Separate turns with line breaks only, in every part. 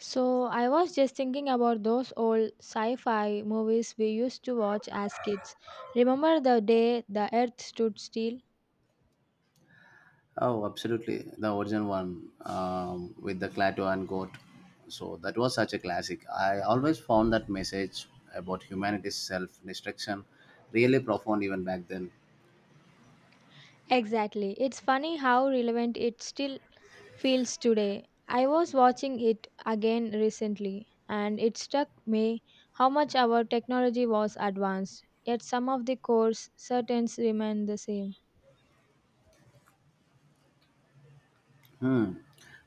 So, I was just thinking about those old sci fi movies we used to watch as kids. Remember The Day the Earth Stood Still?
Oh, absolutely. The original one with the Clato and Goat. So that was such a classic. I always found that message about humanity's self destruction really profound even back then.
Exactly. It's funny how relevant it still feels today. I was watching it again recently, and it struck me how much our technology was advanced, yet some of the core certains remain the same.
Hmm.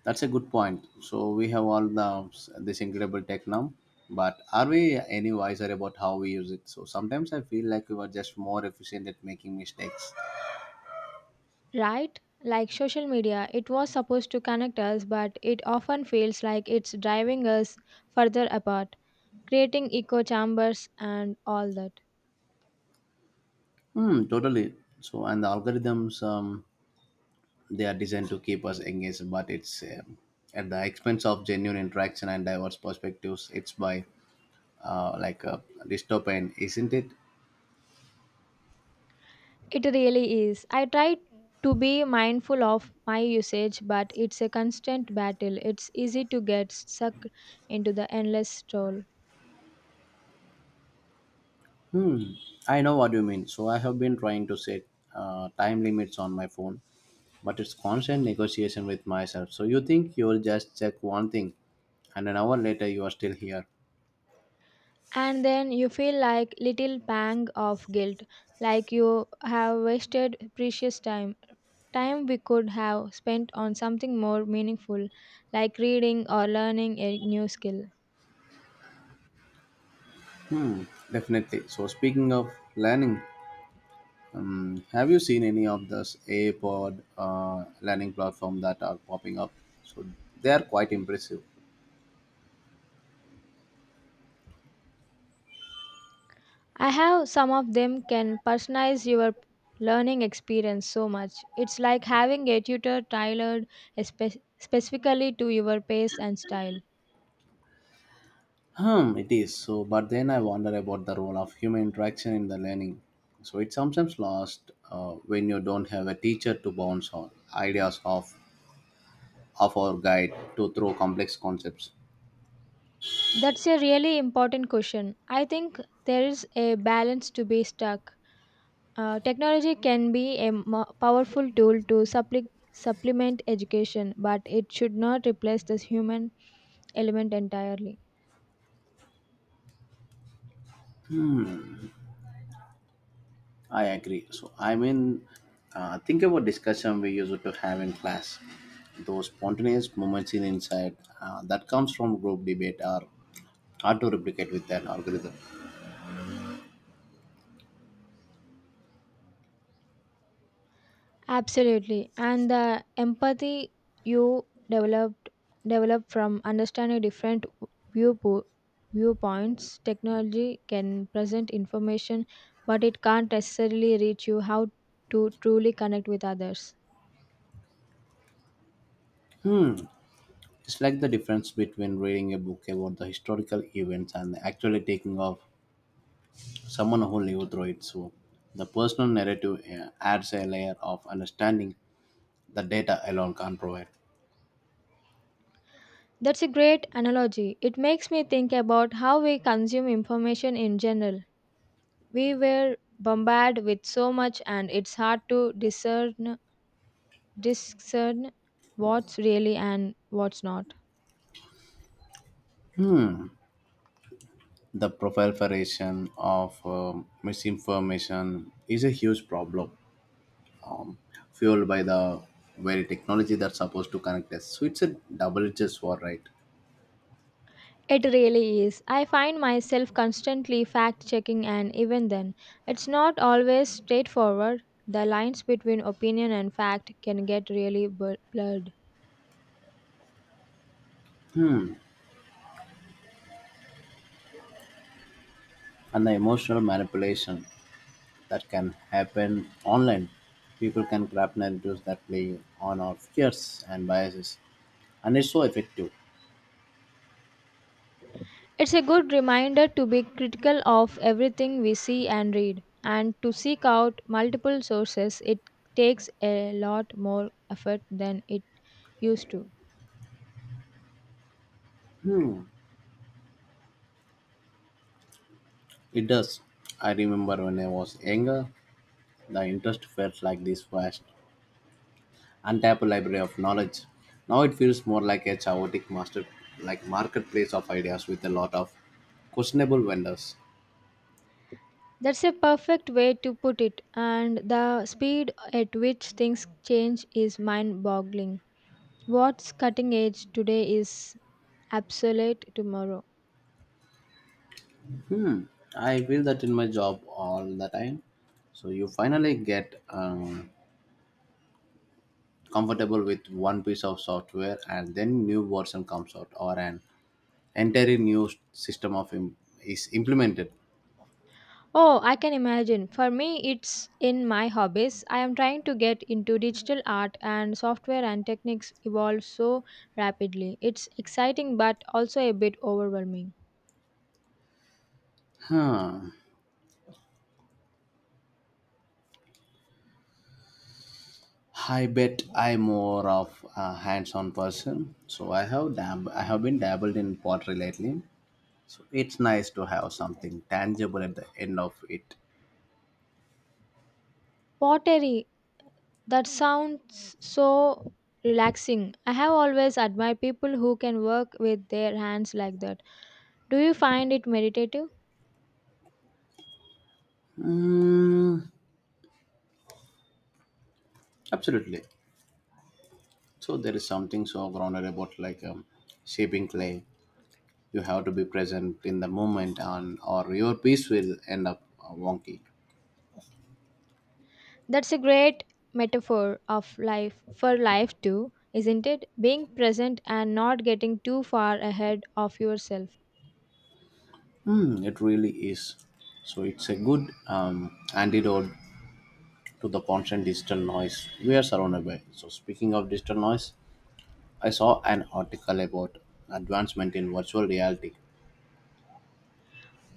That's a good point. So we have this incredible tech now, but are we any wiser about how we use it? So sometimes I feel like we were just more efficient at making mistakes.
Right? Like social media, it was supposed to connect us, but it often feels like it's driving us further apart, creating echo chambers and all that.
Hmm, totally. So and the algorithms. They are designed to keep us engaged, but it's at the expense of genuine interaction and diverse perspectives. It's by like a dystopian, isn't it?
It really is. I try to be mindful of my usage, but it's a constant battle. It's easy to get sucked into the endless stroll.
Hmm. I know what you mean. So I have been trying to set time limits on my phone, but it's constant negotiation with myself. So you think you'll just check one thing, and an hour later you are still here.
And then you feel like little pang of guilt, like you have wasted precious time. Time we could have spent on something more meaningful, like reading or learning a new skill.
Hmm, definitely. So speaking of learning, have you seen any of those AI Pod learning platform that are popping up? So they are quite impressive.
I have some of them can personalize your learning experience so much. It's like having a tutor tailored specifically to your pace and style.
Hmm, it is. So, but then I wonder about the role of human interaction in the learning. So it's sometimes lost when you don't have a teacher to bounce on ideas off of or guide to through complex concepts.
That's a really important question. I think there is a balance to be struck. Technology can be a powerful tool to supplement education, but it should not replace the human element entirely.
I agree. So I mean, think about discussion we used to have in class. Those spontaneous moments in insight that comes from group debate are hard to replicate with an algorithm.
Absolutely. And the empathy you develop from understanding different viewpo- viewpoints, technology can present information, but it can't necessarily reach you how to truly connect with others.
It's like the difference between reading a book about the historical events and actually taking of someone who lived through it. So the personal narrative adds a layer of understanding the data alone can't provide.
That's a great analogy. It makes me think about how we consume information in general. We were bombarded with so much, and it's hard to discern what's really and what's not.
The proliferation of misinformation is a huge problem, fueled by the very technology that's supposed to connect us. So it's a double-edged sword, right?
It really is. I find myself constantly fact checking, and even then, it's not always straightforward. The lines between opinion and fact can get really blurred.
And the emotional manipulation that can happen online. People can craft narratives that play on our fears and biases, and it's so effective.
It's a good reminder to be critical of everything we see and read, and to seek out multiple sources. It takes a lot more effort than it used to.
It does. I remember when I was younger, the interest felt like this vast, untapped library of knowledge. Now it feels more like a chaotic master, like marketplace of ideas with a lot of questionable vendors.
That's a perfect way to put it, and the speed at which things change is mind boggling. What's cutting edge today is obsolete tomorrow.
I feel that in my job all the time. So you finally get comfortable with one piece of software and then new version comes out or an entirely new system of im- is implemented.
Oh, I can imagine. For me, it's in my hobbies. I am trying to get into digital art, and software and techniques evolve so rapidly. It's exciting but also a bit overwhelming.
Huh. I bet I'm more of a hands-on person, so I have been dabbled in pottery lately. So it's nice to have something tangible at the end of it.
Pottery, that sounds so relaxing. I have always admired people who can work with their hands like that. Do you find it meditative?
Mm, absolutely. So there is something so grounded about like shaping clay. You have to be present in the moment, and or your piece will end up wonky.
That's a great metaphor of life for life too, isn't it? Being present and not getting too far ahead of yourself.
Hmm, it really is. So it's a good antidote to the constant digital noise we are surrounded by. So speaking of digital noise, I saw an article about advancement in virtual reality.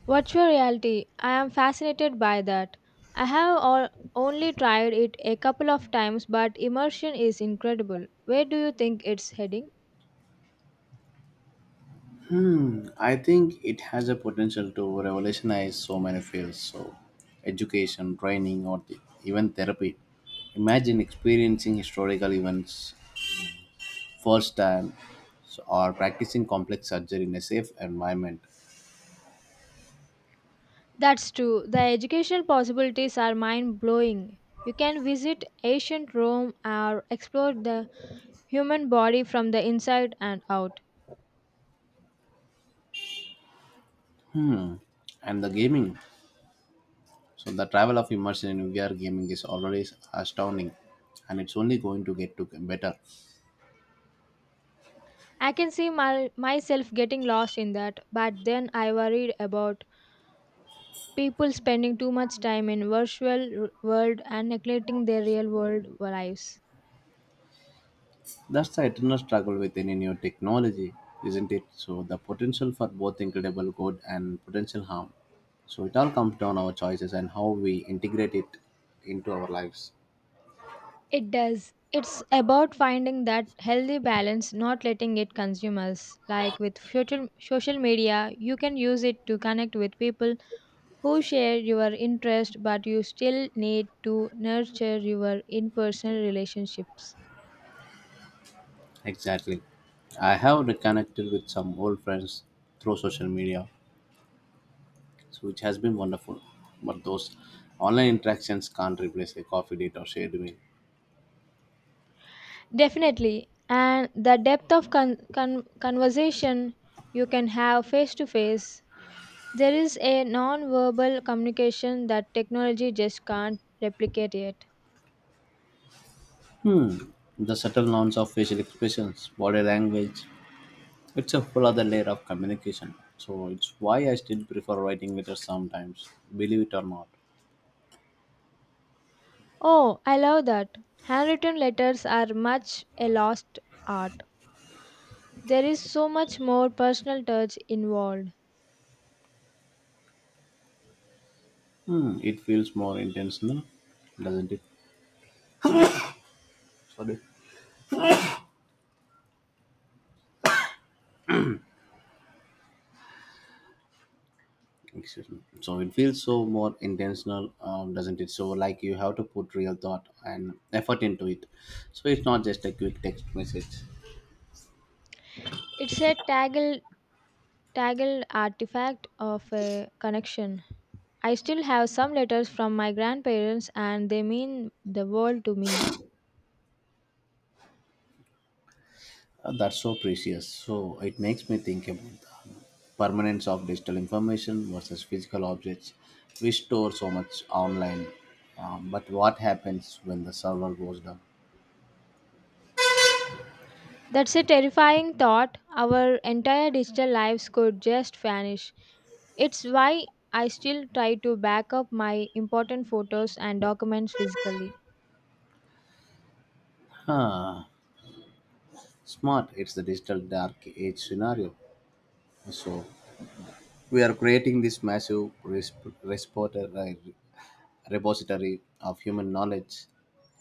Virtual reality, I am fascinated by that. I have all, only tried it a couple of times, but immersion is incredible. Where do you think it's heading?
I think it has a potential to revolutionize so many fields, so education, training, even therapy. Imagine experiencing historical events first time, so, or practicing complex surgery in a safe environment.
That's true. The educational possibilities are mind blowing. You can visit ancient Rome or explore the human body from the inside and out.
And the gaming. So the travel of immersion in VR gaming is already astounding, and it's only going to get to better.
I can see myself getting lost in that, but then I worried about people spending too much time in world and neglecting their real world lives.
That's the eternal struggle with any new technology, isn't it? So the potential for both incredible good and potential harm. So it all comes down our choices and how we integrate it into our lives.
It does. It's about finding that healthy balance, not letting it consume us. Like with social media, you can use it to connect with people who share your interest, but you still need to nurture your in person relationships.
Exactly. I have reconnected with some old friends through social media, so which has been wonderful. But those online interactions can't replace a coffee date or shared meal.
Definitely. And the depth of conversation you can have face to face. There is a non-verbal communication that technology just can't replicate yet.
Hmm. The subtle nuance of facial expressions, body language, it's a whole other layer of communication. So it's why I still prefer writing letters sometimes, believe it or not.
Oh, I love that. Handwritten letters are much a lost art. There is so much more personal touch involved.
Hmm. It feels more intentional, doesn't it? Sorry. Excuse me. So it feels so more intentional, doesn't it? So like you have to put real thought and effort into it. So it's not just a quick text message.
It's a tangled artifact of a connection. I still have some letters from my grandparents, and they mean the world to me.
That's so precious. So it makes me think about the permanence of digital information versus physical objects. We store so much online, but what happens when the server goes down?
That's a terrifying thought. Our entire digital lives could just vanish. It's why I still try to back up my important photos and documents physically.
Huh. Smart. It's the digital dark age scenario. So we are creating this massive uh, repository of human knowledge,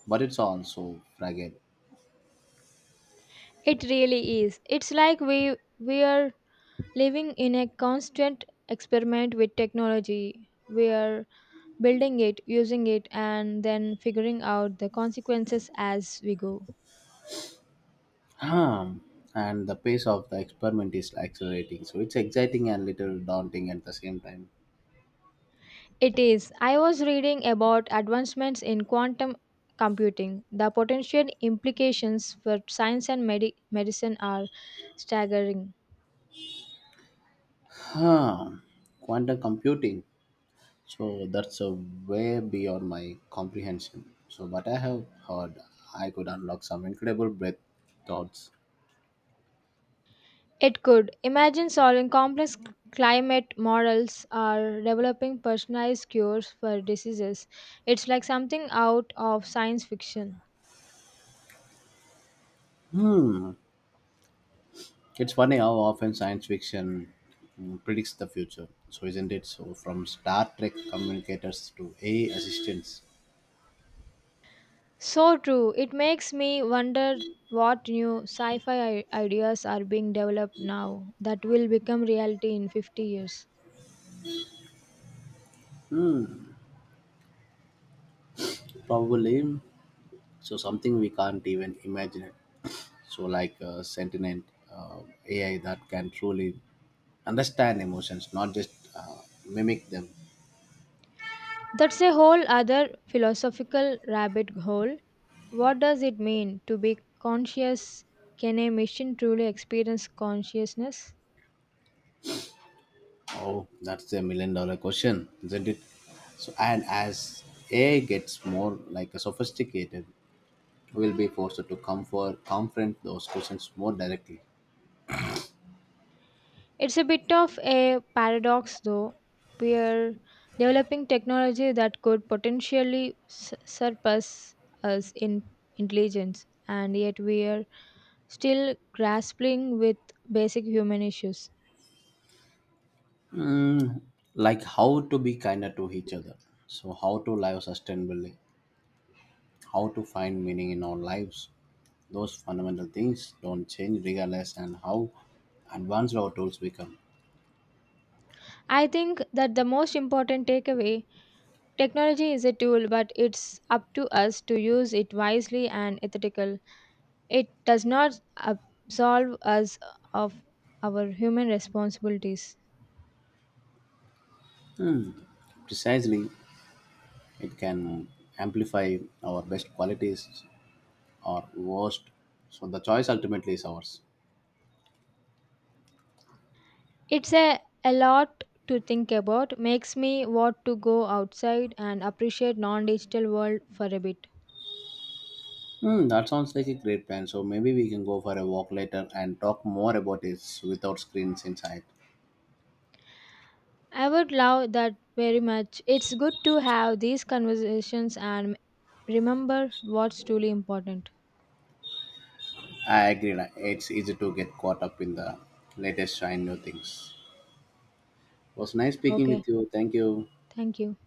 but it's also fragile.
It really is. It's like we are living in a constant experiment with technology. We are building it, using it, and then figuring out the consequences as we go.
Um, and the pace of the experiment is accelerating, so it's exciting and little daunting at the same time.
It is. I was reading about advancements in quantum computing. The potential implications for science and medicine are staggering.
Huh, quantum computing. So that's a way beyond my comprehension. So, but I have heard I could unlock some incredible breath thoughts.
It could imagine solving complex climate models or developing personalized cures for diseases. It's like something out of science fiction.
Hmm, it's funny how often science fiction predicts the future. So, isn't it? So, from Star Trek communicators to AI assistants,
So true. It makes me wonder what new sci fi ideas are being developed now that will become reality in 50 years.
probably. So, something we can't even imagine. So, like sentient uh, AI that can truly understand emotions, not just mimic them.
That's a whole other philosophical rabbit hole. What does it mean to be conscious? Can a machine truly experience consciousness?
Oh, that's a million dollar question, isn't it? So, and as AI gets more like a sophisticated, we'll be forced to confront those questions more directly.
It's a bit of a paradox, though. We are developing technology that could potentially surpass us in intelligence, and yet we are still grappling with basic human issues.
Mm, like how to be kinder to each other. So, how to live sustainably, how to find meaning in our lives. Those fundamental things don't change regardless and how advanced our tools become.
I think that the most important takeaway: technology is a tool, but it's up to us to use it wisely and ethically. It does not absolve us of our human responsibilities.
Precisely, it can amplify our best qualities or worst. So the choice ultimately is ours.
It's a lot to think about, makes me want to go outside and appreciate non-digital world for a bit.
Hmm, that sounds like a great plan. So maybe we can go for a walk later and talk more about this without screens inside.
I would love that very much. It's good to have these conversations and remember what's truly important.
I agree. It's easy to get caught up in the latest shiny new things. It was nice speaking
Okay,
with you. Thank you.
thank you.